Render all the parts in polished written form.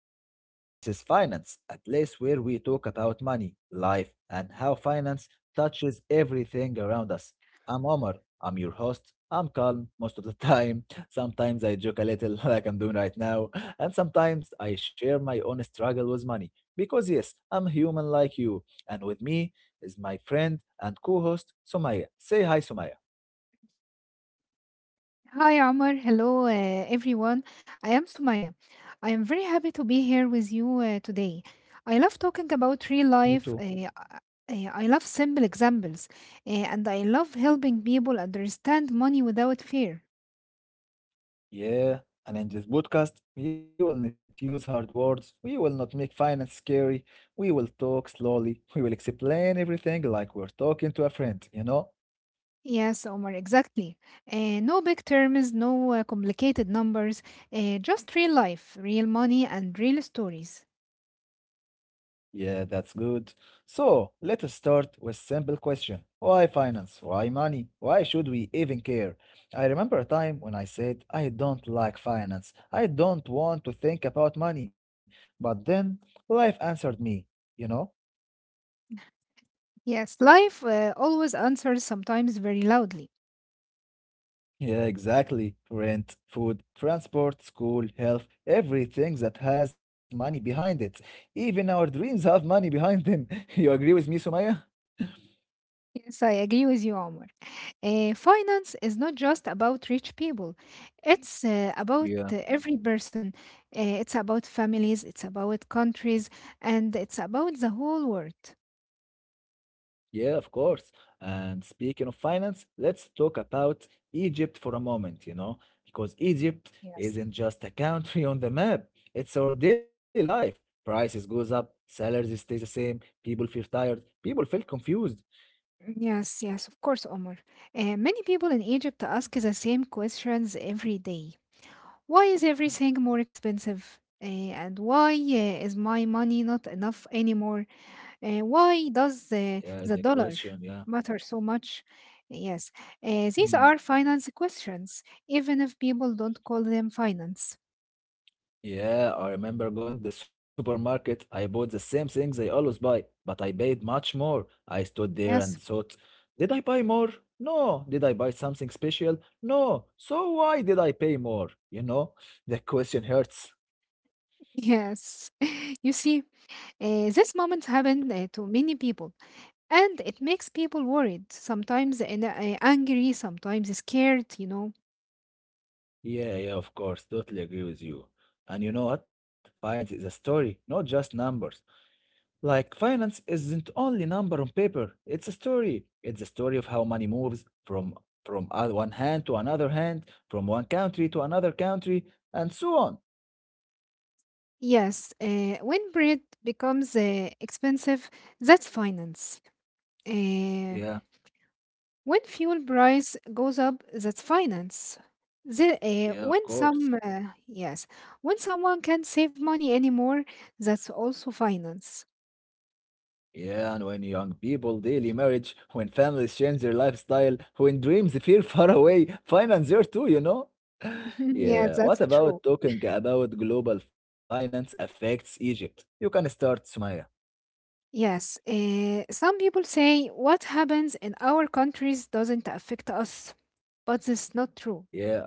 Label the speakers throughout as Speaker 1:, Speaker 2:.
Speaker 1: podcast. This is Finance, a place where we talk about money, life, and how finance touches everything around us. I'm Omar, I'm your host. I'm calm most of the time. Sometimes I joke a little, like I'm doing right now, and sometimes I share my own struggle with money because, yes, I'm human like you. And with me is my friend and co host, Somaya. Say hi, Somaya.
Speaker 2: Hi, Omar. Hello, everyone. I am Sumaya. I am very happy to be here with you today. I love talking about
Speaker 1: Me
Speaker 2: real
Speaker 1: too.
Speaker 2: life. I love simple examples, and I love helping people understand money without fear.
Speaker 1: Yeah, and in this podcast, we will not use hard words, we will not make finance scary, we will talk slowly, we will explain everything like we're talking to a friend.
Speaker 2: Yes, Omar, exactly. No big terms, no complicated numbers, just real life, real money, and real stories.
Speaker 1: Yeah, that's good. So, let us start with simple question. Why finance? Why money? Why should we even care? I remember a time when I said, I don't like finance. I don't want to think about money. But then life answered me, you know?
Speaker 2: Yes, life always answers sometimes very loudly.
Speaker 1: Yeah, exactly. Rent, food, transport, school, health, everything that has money behind it. Even our dreams have money behind them. You agree with me, Sumaya?
Speaker 2: Yes, I agree with you, Omar. Finance is not just about rich people. It's about
Speaker 1: Yeah.
Speaker 2: every person. It's about families, it's about countries, and it's about the whole world.
Speaker 1: Yeah, of course. And speaking of finance, let's talk about Egypt for a moment, because Egypt
Speaker 2: Yes.
Speaker 1: isn't just a country on the map. It's our daily life. Prices goes up, salaries stay the same, people feel tired, people feel confused.
Speaker 2: Yes, yes, of course, Omar. Many people in Egypt ask the same questions every day. Why is everything more expensive? And why is my money not enough anymore? Why does
Speaker 1: Yeah, the
Speaker 2: the dollar
Speaker 1: question, yeah.
Speaker 2: matter so much? Yes, these
Speaker 1: Hmm.
Speaker 2: are finance questions, even if people don't call them finance.
Speaker 1: Yeah, I remember going the supermarket. I bought the same things I always buy, but I paid much more. I stood there and
Speaker 2: Yes,
Speaker 1: thought, did I buy more? No. Did I buy something special? No. So why did I pay more? The question hurts.
Speaker 2: yes. You see, this moment happened to many people, and it makes people worried, sometimes and, angry, sometimes scared.
Speaker 1: Yeah, yeah, of course. Totally agree with you. And you know what? Finance is a story, not just numbers. Like finance isn't only number on paper, it's a story. It's a story of how money moves from one hand to another hand, from one country to another country, and so on.
Speaker 2: Yes, when bread becomes expensive, that's finance. Uh,
Speaker 1: Yeah,
Speaker 2: When fuel price goes up, that's finance. The,
Speaker 1: yeah, of
Speaker 2: when
Speaker 1: course.
Speaker 2: some yes, when someone can't save money anymore, that's also finance.
Speaker 1: Yeah, and when young people daily marriage, when families change their lifestyle, when dreams appear far away, finance there too.
Speaker 2: Yeah,
Speaker 1: Yeah, what
Speaker 2: that's true.
Speaker 1: about talking about global finance affects Egypt? You can start, Sumaya.
Speaker 2: Yes, some people say what happens in our countries doesn't affect us, but it's not true.
Speaker 1: Yeah.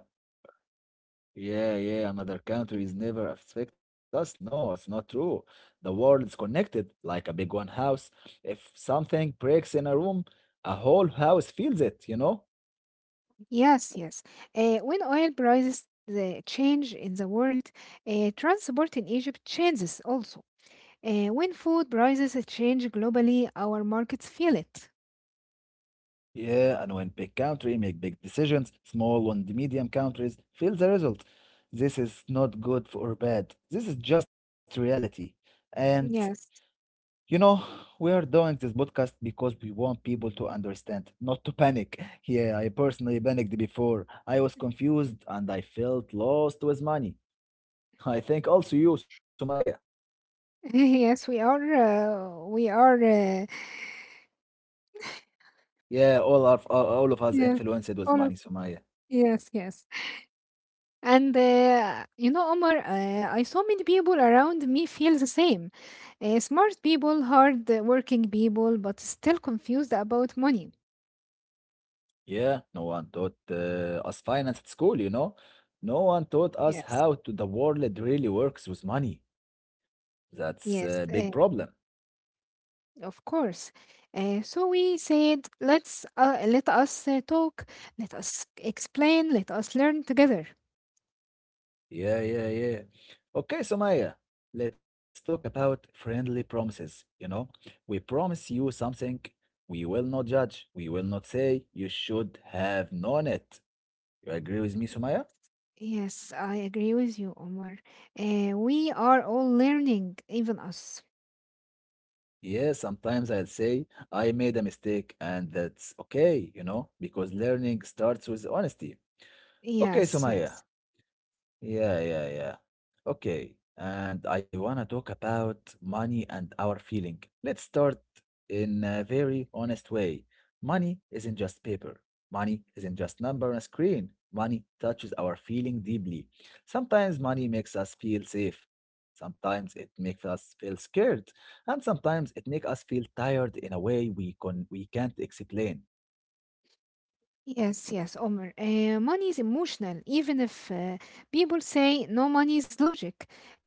Speaker 1: Yeah, yeah, another country
Speaker 2: Mm.
Speaker 1: is never affect us. No, it's not true. The world is connected like a big one house. If something breaks in a room, a whole house feels it.
Speaker 2: Yes, yes. When oil prices the change in the world, transport in Egypt changes also. When food prices change globally, our markets feel it.
Speaker 1: Yeah, and when big country make big decisions, small and medium countries feel the result. This is not good or bad. This is just reality. And
Speaker 2: Yes,
Speaker 1: You know, we are doing this podcast because we want people to understand, not to panic. Yeah, I personally panicked before. I was confused and I felt lost with money. I think also you, Sumaya.
Speaker 2: yes, we are. Uh, we are. Uh,
Speaker 1: Yeah, all of us
Speaker 2: yes,
Speaker 1: influenced with
Speaker 2: all of
Speaker 1: money, Sumaya.
Speaker 2: yes, yes. And Omar, I saw many people around me feel the same. Smart people, hard working people, but still confused about money.
Speaker 1: Yeah, no one taught us finance at school. No one taught us
Speaker 2: Yes,
Speaker 1: how to the world really works with money. That's a big
Speaker 2: yes,
Speaker 1: problem.
Speaker 2: of course. So we said, let us talk, let us explain, let us learn together.
Speaker 1: Yeah, yeah, yeah. Okay, Sumaya, let's talk about friendly promises. We promise you something, we will not judge, we will not say you should have known it. You agree with me, Sumaya?
Speaker 2: Yes, I agree with you, Omar. We are all learning, even us.
Speaker 1: Yeah, sometimes I'll say I made a mistake, and that's okay, because learning starts with honesty. Okay,
Speaker 2: Yes,
Speaker 1: Sumaya.
Speaker 2: yes,
Speaker 1: Yeah, yeah, yeah. Okay, and I wanna talk about money and our feeling. Let's start in a very honest way. Money isn't just paper. Money isn't just number on a screen. Money touches our feeling deeply. Sometimes money makes us feel safe. Sometimes it makes us feel scared, and sometimes it makes us feel tired in a way we can't explain.
Speaker 2: yes, yes, Omar. Money is emotional, even if people say no money is logic.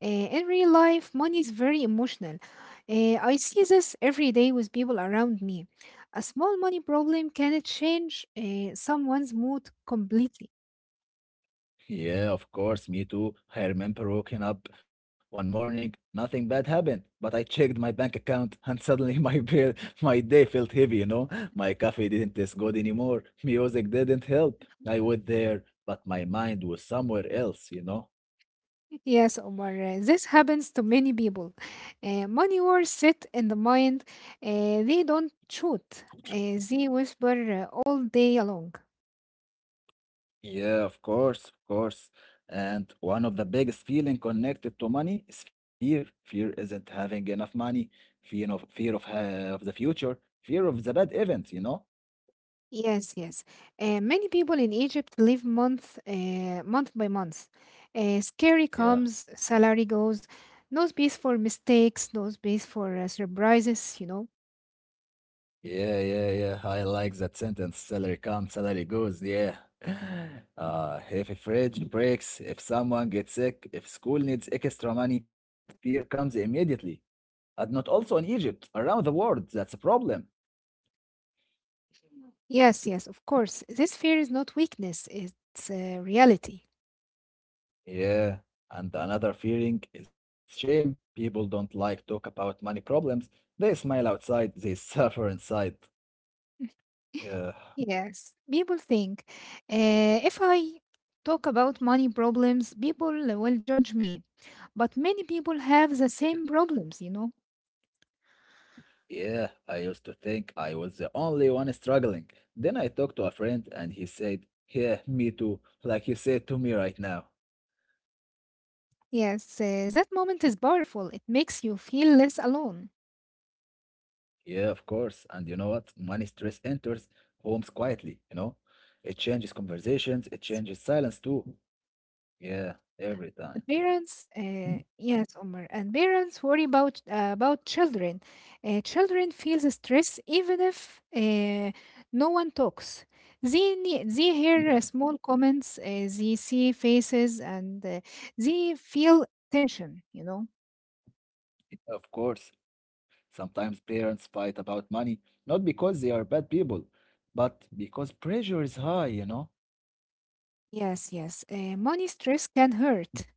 Speaker 2: In real life, money is very emotional. I see this every day with people around me. A small money problem can change someone's mood completely.
Speaker 1: Yeah, of course, me too. I remember waking up one morning, nothing bad happened, but I checked my bank account and suddenly my bill, my day felt heavy. My coffee didn't taste good anymore. Music didn't help. I was there, but my mind was somewhere else.
Speaker 2: Yes, Omar, this happens to many people. Money wars sit in the mind, they don't shoot, they whisper all day long.
Speaker 1: Yeah, of course, of course. And one of the biggest feeling connected to money is fear. Fear isn't having enough money, fear of the future, fear of the bad event.
Speaker 2: Yes, yes. Many people in Egypt live month by month. Scary
Speaker 1: Yeah.
Speaker 2: comes, salary goes, no space for mistakes, no space for surprises.
Speaker 1: Yeah, yeah, yeah. I like that sentence. Salary comes, salary goes. Yeah. If a fridge breaks, if someone gets sick, if school needs extra money, fear comes immediately. And not also in Egypt, around the world, that's a problem.
Speaker 2: Yes, yes, of course. This fear is not weakness, it's reality.
Speaker 1: Yeah. And another fearing is shame. People don't like talk about money problems. They smile outside, they suffer inside. Yeah.
Speaker 2: Yes, people think if I talk about money problems, people will judge me. But many people have the same problems.
Speaker 1: Yeah, I used to think I was the only one struggling. Then I talked to a friend and he said, yeah, me too, like you said to me right now.
Speaker 2: Yes, that moment is powerful. It makes you feel less alone.
Speaker 1: Yeah, of course. And you know what? Money stress enters homes quietly. It changes conversations, it changes silence too. Yeah, every time.
Speaker 2: And
Speaker 1: Yeah.
Speaker 2: parents, uh, yes, Omar, and parents worry about children. Children feels stress even if no one talks. They
Speaker 1: Yeah,
Speaker 2: hear small comments, they see faces, and they feel tension.
Speaker 1: yeah, of course. Sometimes parents fight about money, not because they are bad people, but because pressure is high.
Speaker 2: Yes, yes. Money stress can hurt.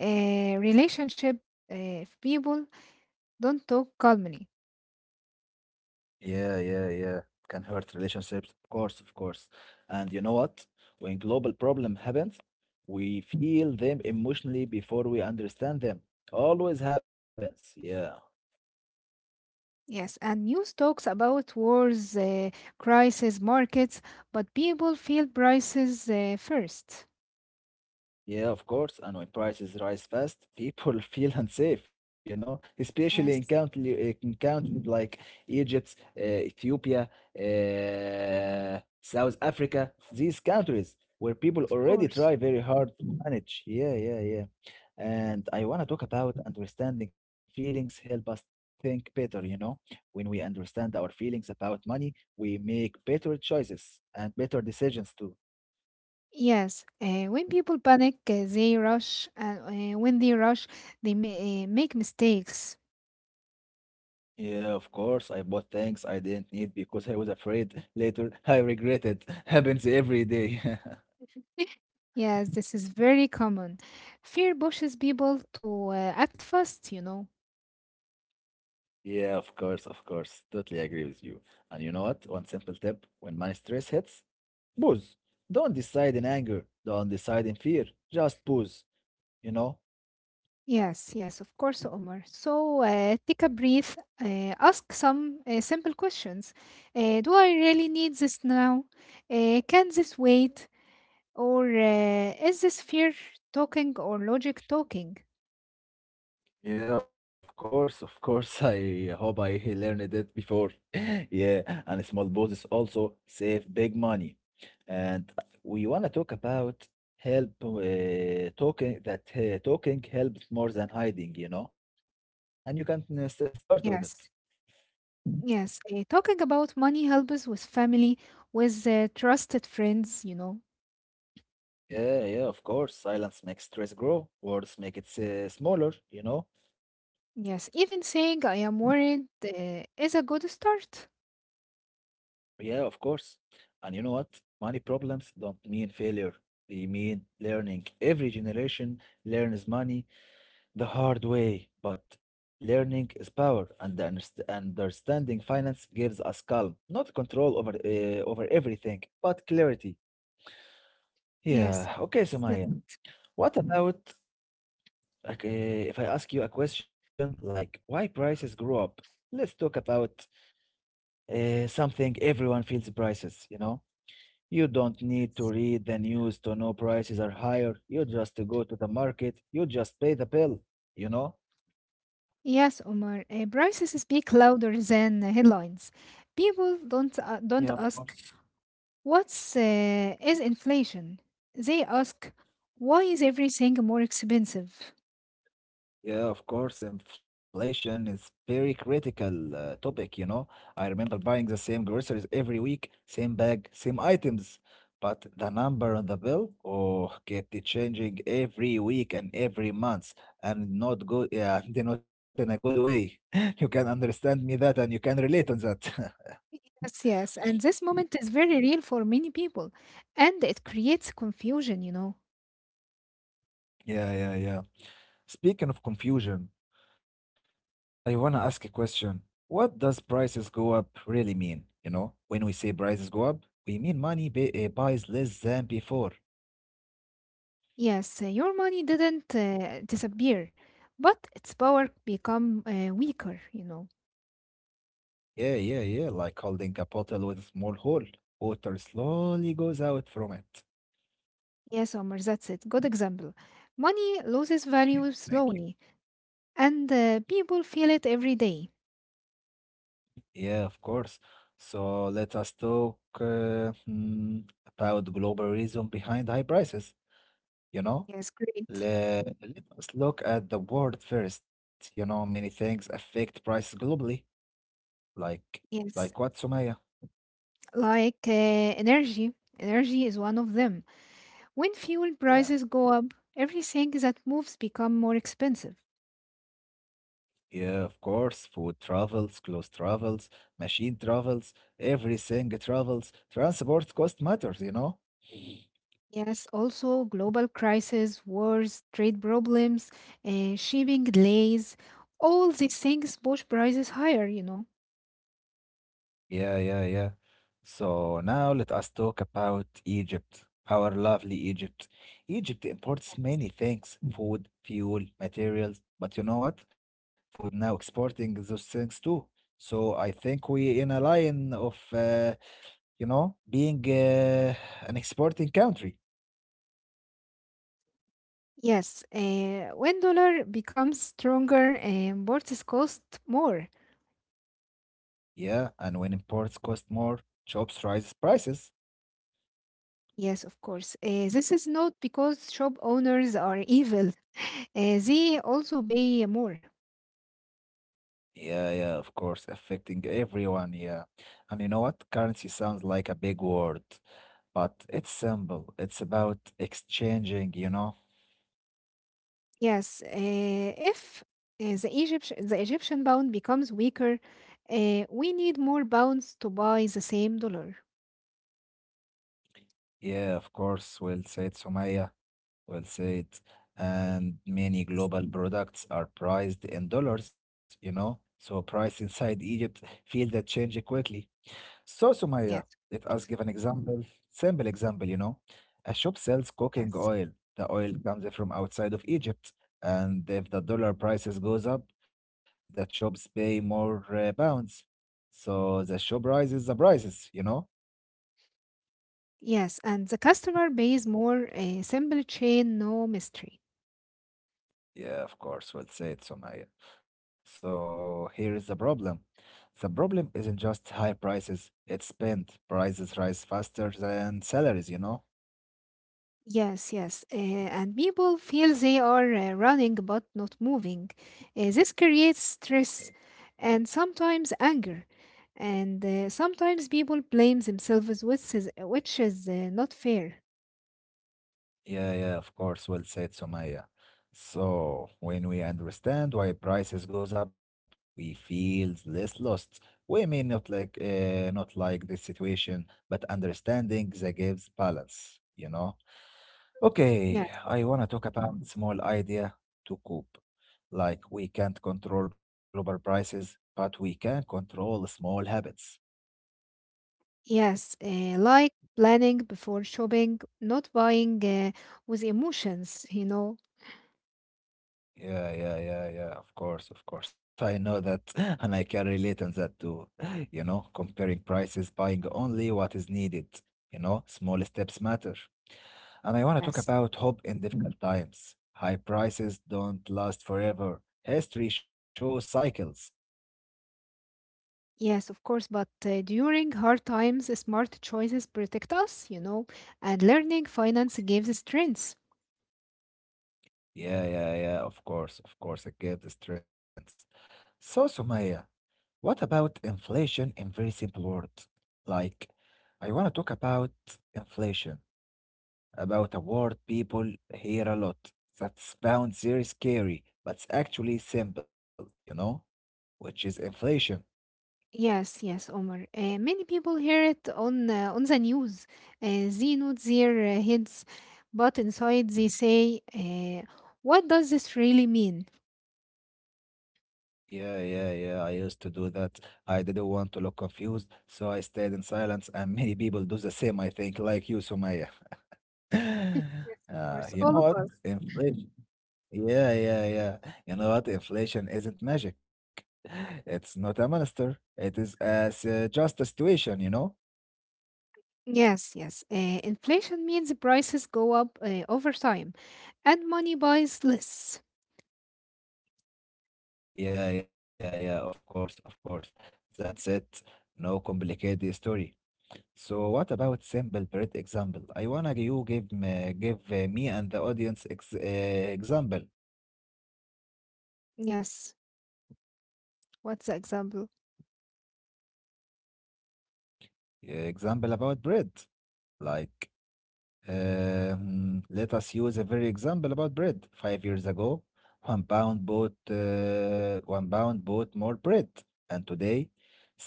Speaker 2: Relationship. If people don't talk calmly.
Speaker 1: Yeah, yeah, yeah. Can hurt relationships, of course, of course. And you know what? When global problem happens, we feel them emotionally before we understand them. Always happens. Yeah.
Speaker 2: Yes, and news talks about wars, crisis, markets, but people feel prices first.
Speaker 1: Yeah, of course. And when prices rise fast, people feel unsafe, especially in
Speaker 2: Yes,
Speaker 1: country, in countries like Egypt, Ethiopia, South Africa, these countries where people
Speaker 2: of
Speaker 1: already
Speaker 2: course.
Speaker 1: try very hard to manage. Yeah, yeah, yeah.
Speaker 2: Mm.
Speaker 1: And I want to talk about understanding feelings help us think better. When we understand our feelings about money, we make better choices and better decisions too.
Speaker 2: Yes, when people panic, they rush, and when they rush, they ma make mistakes.
Speaker 1: Yeah, of course. I bought things I didn't need because I was afraid. Later, I regretted. Happens every day.
Speaker 2: Yes, this is very common. Fear pushes people to act fast.
Speaker 1: Yeah, of course, of course. Totally agree with you. And you know what? One simple tip when my stress hits, pause. Don't decide in anger. Don't decide in fear. Just pause. You know?
Speaker 2: Yes, yes, of course, Omar. So take a breath, ask some simple questions. Do I really need this now? Can this wait? Or is this fear talking or logic talking?
Speaker 1: Yeah, of course, of course. I hope I learned it before. Yeah, and small bosses also save big money. And we want to talk about help talking that talking helps more than hiding. And you can start with it.
Speaker 2: Yes, yes. Talking about money helps with family, with trusted friends.
Speaker 1: Yeah, yeah, of course. Silence makes stress grow, words make it smaller.
Speaker 2: Yes, even saying I am worried is a good start.
Speaker 1: Yeah, of course. And you know what? Money problems don't mean failure. They mean learning. Every generation learns money the hard way, but learning is power, and the understanding finance gives us calm, not control over everything, but clarity.
Speaker 2: Yes,
Speaker 1: Yeah.
Speaker 2: of
Speaker 1: Okay,
Speaker 2: course.
Speaker 1: Sumaya.
Speaker 2: That's.
Speaker 1: What about like, uh, if I ask you a question like why prices grow up? Let's talk about something everyone feels prices, you know? You don't need to read the news to know prices are higher. You just go to the market, you just pay the bill, you know?
Speaker 2: Yes, Omar, prices speak louder than headlines. People don't uh,
Speaker 1: Yeah,
Speaker 2: don't
Speaker 1: of
Speaker 2: ask
Speaker 1: course.
Speaker 2: what's is inflation. They ask why is everything more expensive?
Speaker 1: Yeah, of course, inflation is very critical topic. I remember buying the same groceries every week, same bag, same items, but the number on the bill, oh, kept it changing every week and every month, and not good, yeah, not in a good way. You can understand me that, and you can relate on that.
Speaker 2: Yes, yes, and this moment is very real for many people, and it creates confusion.
Speaker 1: Yeah, yeah, yeah. Speaking of confusion, I want to ask a question. What does prices go up really mean? When we say prices go up, we mean money buys less than before.
Speaker 2: Yes, your money didn't disappear, but its power become weaker.
Speaker 1: Yeah, yeah, yeah, like holding a bottle with a small hole. Water slowly goes out from it.
Speaker 2: Yes, Omar, that's it. Good example. Money loses value
Speaker 1: Thank you.
Speaker 2: slowly, and people feel it every day.
Speaker 1: Yeah, of course. So let us talk about global reason behind high prices, you know?
Speaker 2: Yes, great.
Speaker 1: Let us look at the world first. Many things affect prices globally, like
Speaker 2: Yes,
Speaker 1: what, Sumaya?
Speaker 2: like energy. Energy is one of them. When fuel prices
Speaker 1: Yeah.
Speaker 2: go up, everything that moves become more expensive.
Speaker 1: Yeah, of course. Food travels, clothes travels, machine travels, everything travels. Transport cost matters.
Speaker 2: Yes, also global crises, wars, trade problems, shipping delays, all these things push prices higher.
Speaker 1: Yeah, yeah, yeah. So now let us talk about Egypt, our lovely Egypt. Egypt imports many things, food, fuel, materials, but you know what? For now exporting those things too. So I think we in a line of being an exporting country.
Speaker 2: Yes, when dollar becomes stronger, boards cost more.
Speaker 1: Yeah, and when imports cost more, jobs rise prices.
Speaker 2: Yes, of course. This is not because shop owners are evil. They also pay more.
Speaker 1: Yeah, yeah, of course, affecting everyone. Yeah, and you know what? Currency sounds like a big word, but it's simple. It's about exchanging.
Speaker 2: Yes, if the Egyptian pound becomes weaker, we need more pounds to buy the same dollar.
Speaker 1: Yeah, of course, we'll say it, Sumaya. Well said.
Speaker 2: Y-
Speaker 1: And many global products are priced in dollars, so price inside Egypt feel that change quickly. So, Sumaya,
Speaker 2: Yes,
Speaker 1: let us give an example, simple example. A shop sells cooking
Speaker 2: yes,
Speaker 1: oil. The oil comes from outside of Egypt, and if the dollar prices goes up, the shops pay more pounds. So the shop rises the prices.
Speaker 2: yes. And the customer pays more. A simple chain, no mystery.
Speaker 1: Yeah, of course, well said, Somaya. So here is the problem. The problem isn't just high prices, it's spend. Prices rise faster than salaries, you know?
Speaker 2: Yes, yes. And people feel they are running but not moving. This creates
Speaker 1: Eh,
Speaker 2: stress and sometimes anger. And sometimes people blame themselves, which is not fair.
Speaker 1: Yeah, yeah, of course, well said, Somaya. So when we understand why prices goes up, we feel less lost. We may not like this situation, but understanding the gives balance, you know? Okay,
Speaker 2: Yes.
Speaker 1: I want to talk about small idea to cope. Like we can't control global prices, but we can control small habits.
Speaker 2: Yes, like planning before shopping, not buying with emotions.
Speaker 1: Yeah, yeah, yeah, yeah. Of course, of course. I know that, and I can relate on that too. You know, comparing prices, buying only what is needed. You know, small steps matter. And I want to talk
Speaker 2: Yes,
Speaker 1: about hope in difficult times. High prices don't last forever. History shows cycles.
Speaker 2: yes, of course. But during hard times, smart choices protect us, and learning finance gives strength.
Speaker 1: Yeah, yeah, yeah, of course, it gives strength. So, Sumaya, what about inflation in very simple words? Like, I want to talk about inflation, about a word people hear a lot that sounds very scary, but it's actually simple, you know, which is inflation.
Speaker 2: Yes, yes, Omar. Many people hear it on the news. They nod their heads, but inside they say, "What does this really mean?"
Speaker 1: Yeah, yeah, yeah. I used to do that. I didn't want to look confused, so I stayed in silence, and many people do the same, I think, like you, Sumaya.
Speaker 2: Of course,
Speaker 1: You
Speaker 2: all
Speaker 1: know
Speaker 2: of
Speaker 1: what?
Speaker 2: us.
Speaker 1: Inflation. Yeah, yeah, yeah. You know what? Inflation isn't magic. It's not a monster. It is as just a situation, you know?
Speaker 2: Yes, yes. Inflation means the prices go up over time, and money buys less.
Speaker 1: Yeah, yeah, yeah. Of course, of course. That's it. No complicated story. So what about simple bread example? You give me, give me and the audience example
Speaker 2: Yes. What's the example?
Speaker 1: example about bread. Like Let us use a very example about bread. 5 years ago, £1 bought more bread, and today,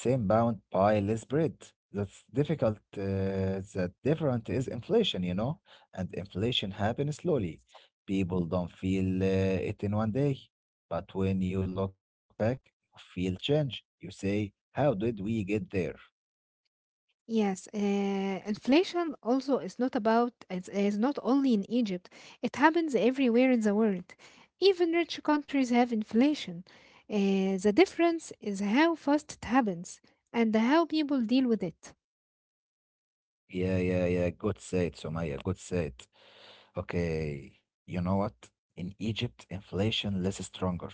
Speaker 1: same pound buy less bread. That's difficult. That different is inflation, you know, and inflation happens slowly. People don't feel it in one day, but when you look back, you feel change. You say, "How did we get there?"
Speaker 2: Yes, inflation also is not only in Egypt. It happens everywhere in the world. Even rich countries have inflation. The difference is how fast it happens and how people deal with it.
Speaker 1: Yeah, yeah, yeah. Good said, Somaya. Good said. Okay, you know what? In Egypt, inflation less stronger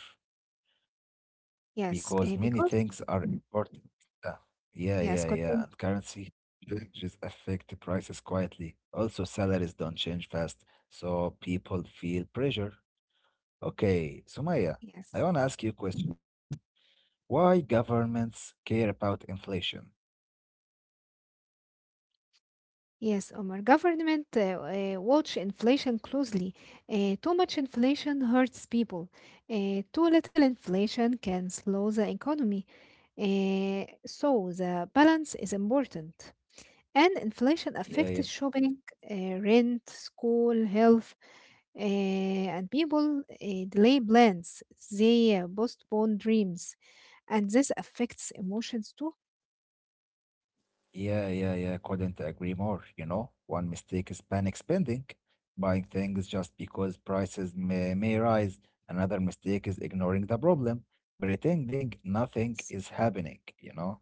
Speaker 1: because
Speaker 2: Yes,
Speaker 1: many things
Speaker 2: because
Speaker 1: are important. Uh, yeah, yeah,
Speaker 2: yes,
Speaker 1: yeah. And
Speaker 2: continue.
Speaker 1: currency changes affect the prices quietly. Also, salaries don't change fast, so people feel pressure. Okay, Sumaya, I
Speaker 2: Yes,
Speaker 1: want to ask you a question. Why governments care about inflation?
Speaker 2: yes, Omar. Government watch inflation closely. Too much inflation hurts people. Too little inflation can slow the economy. So the balance is important, and inflation
Speaker 1: Yeah,
Speaker 2: affects shopping, rent, school, health, and people delay plans. They postpone dreams, and this affects emotions too.
Speaker 1: yeah, yeah, yeah. Couldn't agree more. You know, one mistake is panic spending, buying things just because prices may rise. Another mistake is ignoring the problem, pretending nothing
Speaker 2: Yes.
Speaker 1: is happening, you know?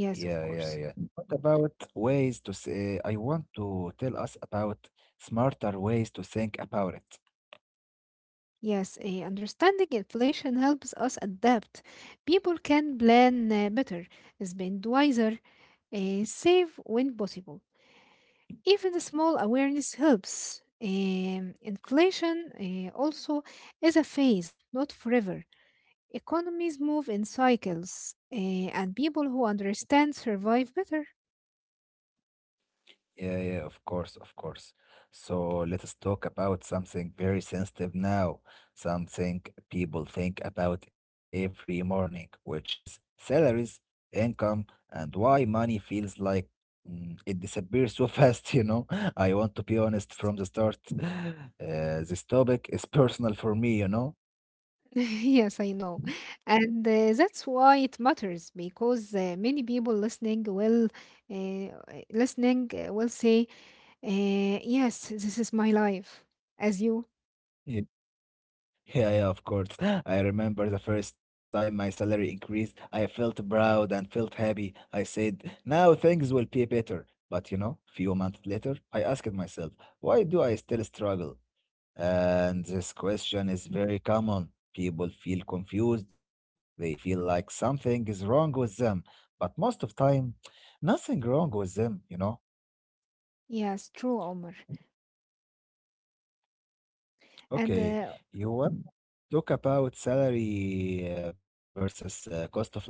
Speaker 2: Yes, of
Speaker 1: Yeah, yeah,
Speaker 2: course.
Speaker 1: yeah. What about ways to say, I want to tell us about smarter ways to think about it.
Speaker 2: Yes, understanding inflation helps us adapt. People can plan better, spend wiser, save when possible. Even the small awareness helps. Inflation also is a phase, not forever. Economies move in cycles, and people who understand survive better.
Speaker 1: Yeah, yeah, of course, of course. So let us talk about something very sensitive now, something people think about every morning, which is salaries, income, and why money feels like it disappears so fast, you know? I want to be honest from the start. This topic is personal for me, you know?
Speaker 2: Yes, I know. And that's why it matters because many people listening uh, will say, "Yes, this is my life." As you,
Speaker 1: Yeah, yeah, of course. I remember the first time my salary increased. I felt proud and felt happy. I said, now things will be better. But you know, few months later, I asked myself, why do I still struggle? And this question is very common. People feel confused. They feel like something is wrong with them. But most of time, nothing wrong with them, you know?
Speaker 2: yes, true, Omar, and
Speaker 1: Okay, you want to talk about salary versus cost of living?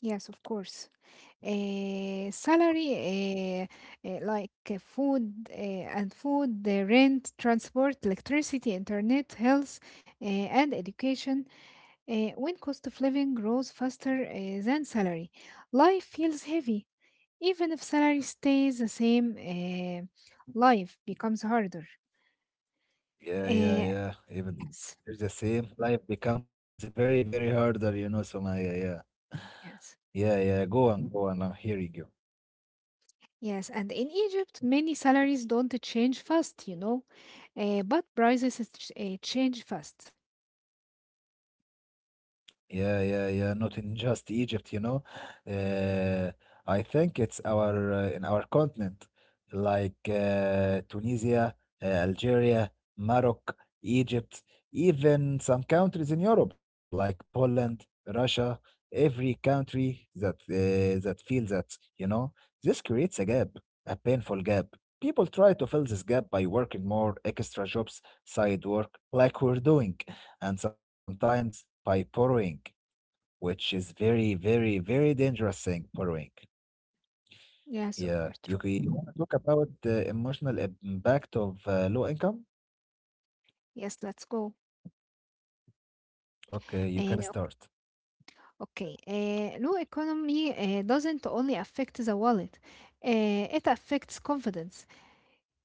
Speaker 2: Yes, of course. Salary, like food and food, the rent, transport, electricity, internet, health, and education. When cost of living grows faster than salary, life feels heavy. Even if salary stays the same, life becomes harder.
Speaker 1: Yeah, yeah,
Speaker 2: Uh,
Speaker 1: yeah. Even
Speaker 2: yes,
Speaker 1: it's the same, life becomes very, very harder, you know, Somaya. Yeah,
Speaker 2: yes.
Speaker 1: yeah, yeah. Go on, go on. I'm hearing you.
Speaker 2: Yes, and in Egypt, many salaries don't change fast, but prices change fast.
Speaker 1: Yeah, yeah, yeah. Not in just Egypt, you know. Uh, I think it's our in our continent, like Tunisia, Algeria, Morocco, Egypt, even some countries in Europe like Poland, Russia. Every country that feels that, you know, this creates a gap, a painful gap. People try to fill this gap by working more extra jobs, side work, like we're doing and sometimes by borrowing which is very, very, very dangerous thing, borrowing.
Speaker 2: Yes,
Speaker 1: Yeah,
Speaker 2: Omar, true.
Speaker 1: you want to talk about the emotional impact of low income?
Speaker 2: Yes, let's go.
Speaker 1: Okay, you can
Speaker 2: Uh,
Speaker 1: start.
Speaker 2: okay, low economy doesn't only affect the wallet, it affects confidence.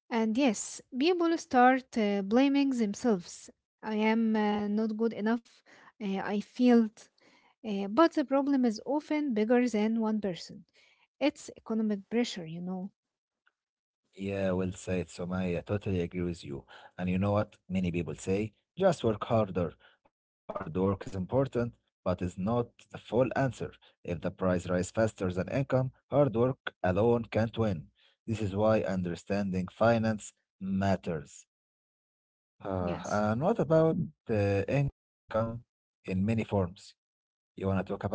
Speaker 2: And yes, people start blaming themselves. I am not good enough, I failed. But the problem is often bigger than one person. It's economic pressure.
Speaker 1: Yeah, well said, Somaya. I totally agree with you. And you know what? Many people say, just work harder. Hard work is important, but it's not the full answer. If the price rise faster than income, hard work alone can't win. This is why understanding finance matters.
Speaker 2: Yes.
Speaker 1: And what about income in many forms? You want to talk about it?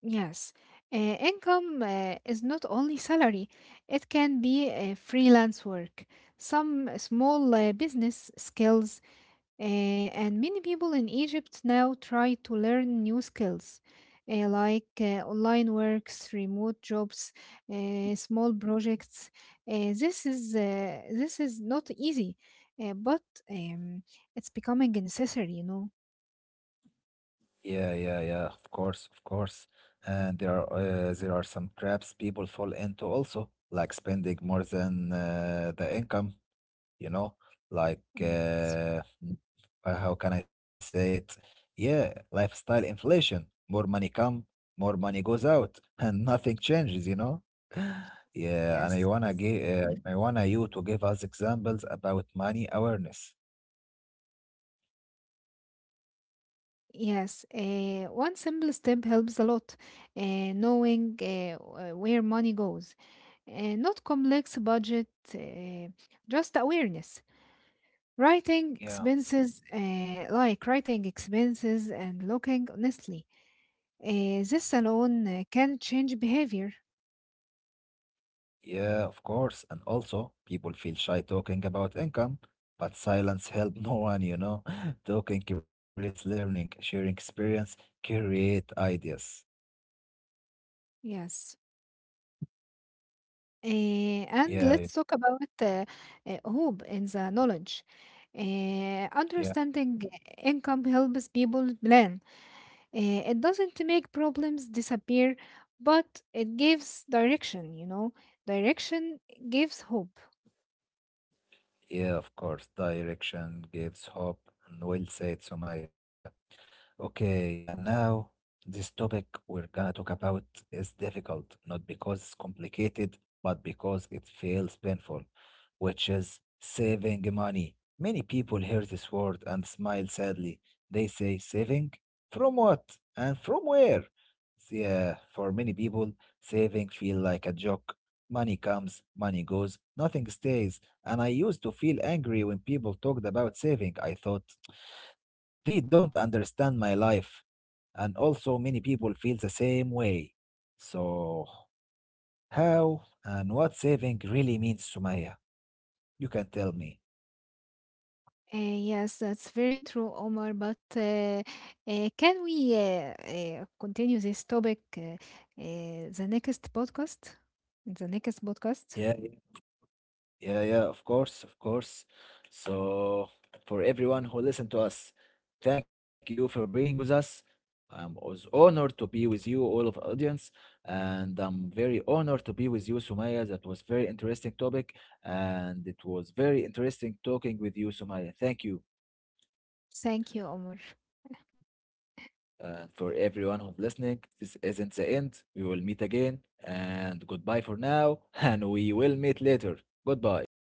Speaker 2: Yes, income is not only salary, it can be freelance work, some small business skills, and many people in Egypt now try to learn new skills like online works, remote jobs, small projects. This is not easy, but um, it's becoming necessary.
Speaker 1: Yeah, yeah, yeah, of course, of course. And there are some traps people fall into also, like spending more than the income. You know, like
Speaker 2: Yes,
Speaker 1: how can I say it, yeah, lifestyle inflation, more money come, more money goes out, and nothing changes, you know. Yeah, and
Speaker 2: yes.
Speaker 1: I wanna you to give us examples about money awareness.
Speaker 2: Yes, one simple step helps a lot. Knowing where money goes, not complex budget, uh, just awareness. Writing
Speaker 1: Yeah,
Speaker 2: expenses, like writing expenses and looking honestly. This alone can change behavior.
Speaker 1: yeah, of course, and also people feel shy talking about income, but silence help no one, you know. Talking creates learning, sharing experience, create ideas.
Speaker 2: Yes. And let's
Speaker 1: Yeah,
Speaker 2: talk about hope in the knowledge. Eh,
Speaker 1: yeah.
Speaker 2: understanding income helps people plan. It doesn't make problems disappear, but it gives direction. Direction gives hope.
Speaker 1: Yeah, of course. Direction gives hope. And well said, Somaya. Okay, and now this topic we're gonna talk about is difficult, not because it's complicated, but because it feels painful, which is saving money. Many people hear this word and smile sadly. They say, saving? From what? And from where? Yeah, for many people, saving feel like a joke. Money comes, money goes, nothing stays. And I used to feel angry when people talked about saving. I thought, they don't understand my life. And also, many people feel the same way. So, how and what saving really means, Sumaya? You can tell me.
Speaker 2: Yes, that's very true, Omar. But can we continue this topic the next podcast? In the next podcast?
Speaker 1: Yeah, yeah, yeah, yeah, of course, of course. So, for everyone who listened to us, thank you for being with us. I was honored to be with you, all of audience, and I'm very honored to be with you, Sumaya. That was very interesting topic, and it was very interesting talking with you, Sumaya. Thank you.
Speaker 2: Thank you, Omar.
Speaker 1: And for everyone who's listening, this isn't the end. We will meet again, and goodbye for now, and we will meet later. Goodbye.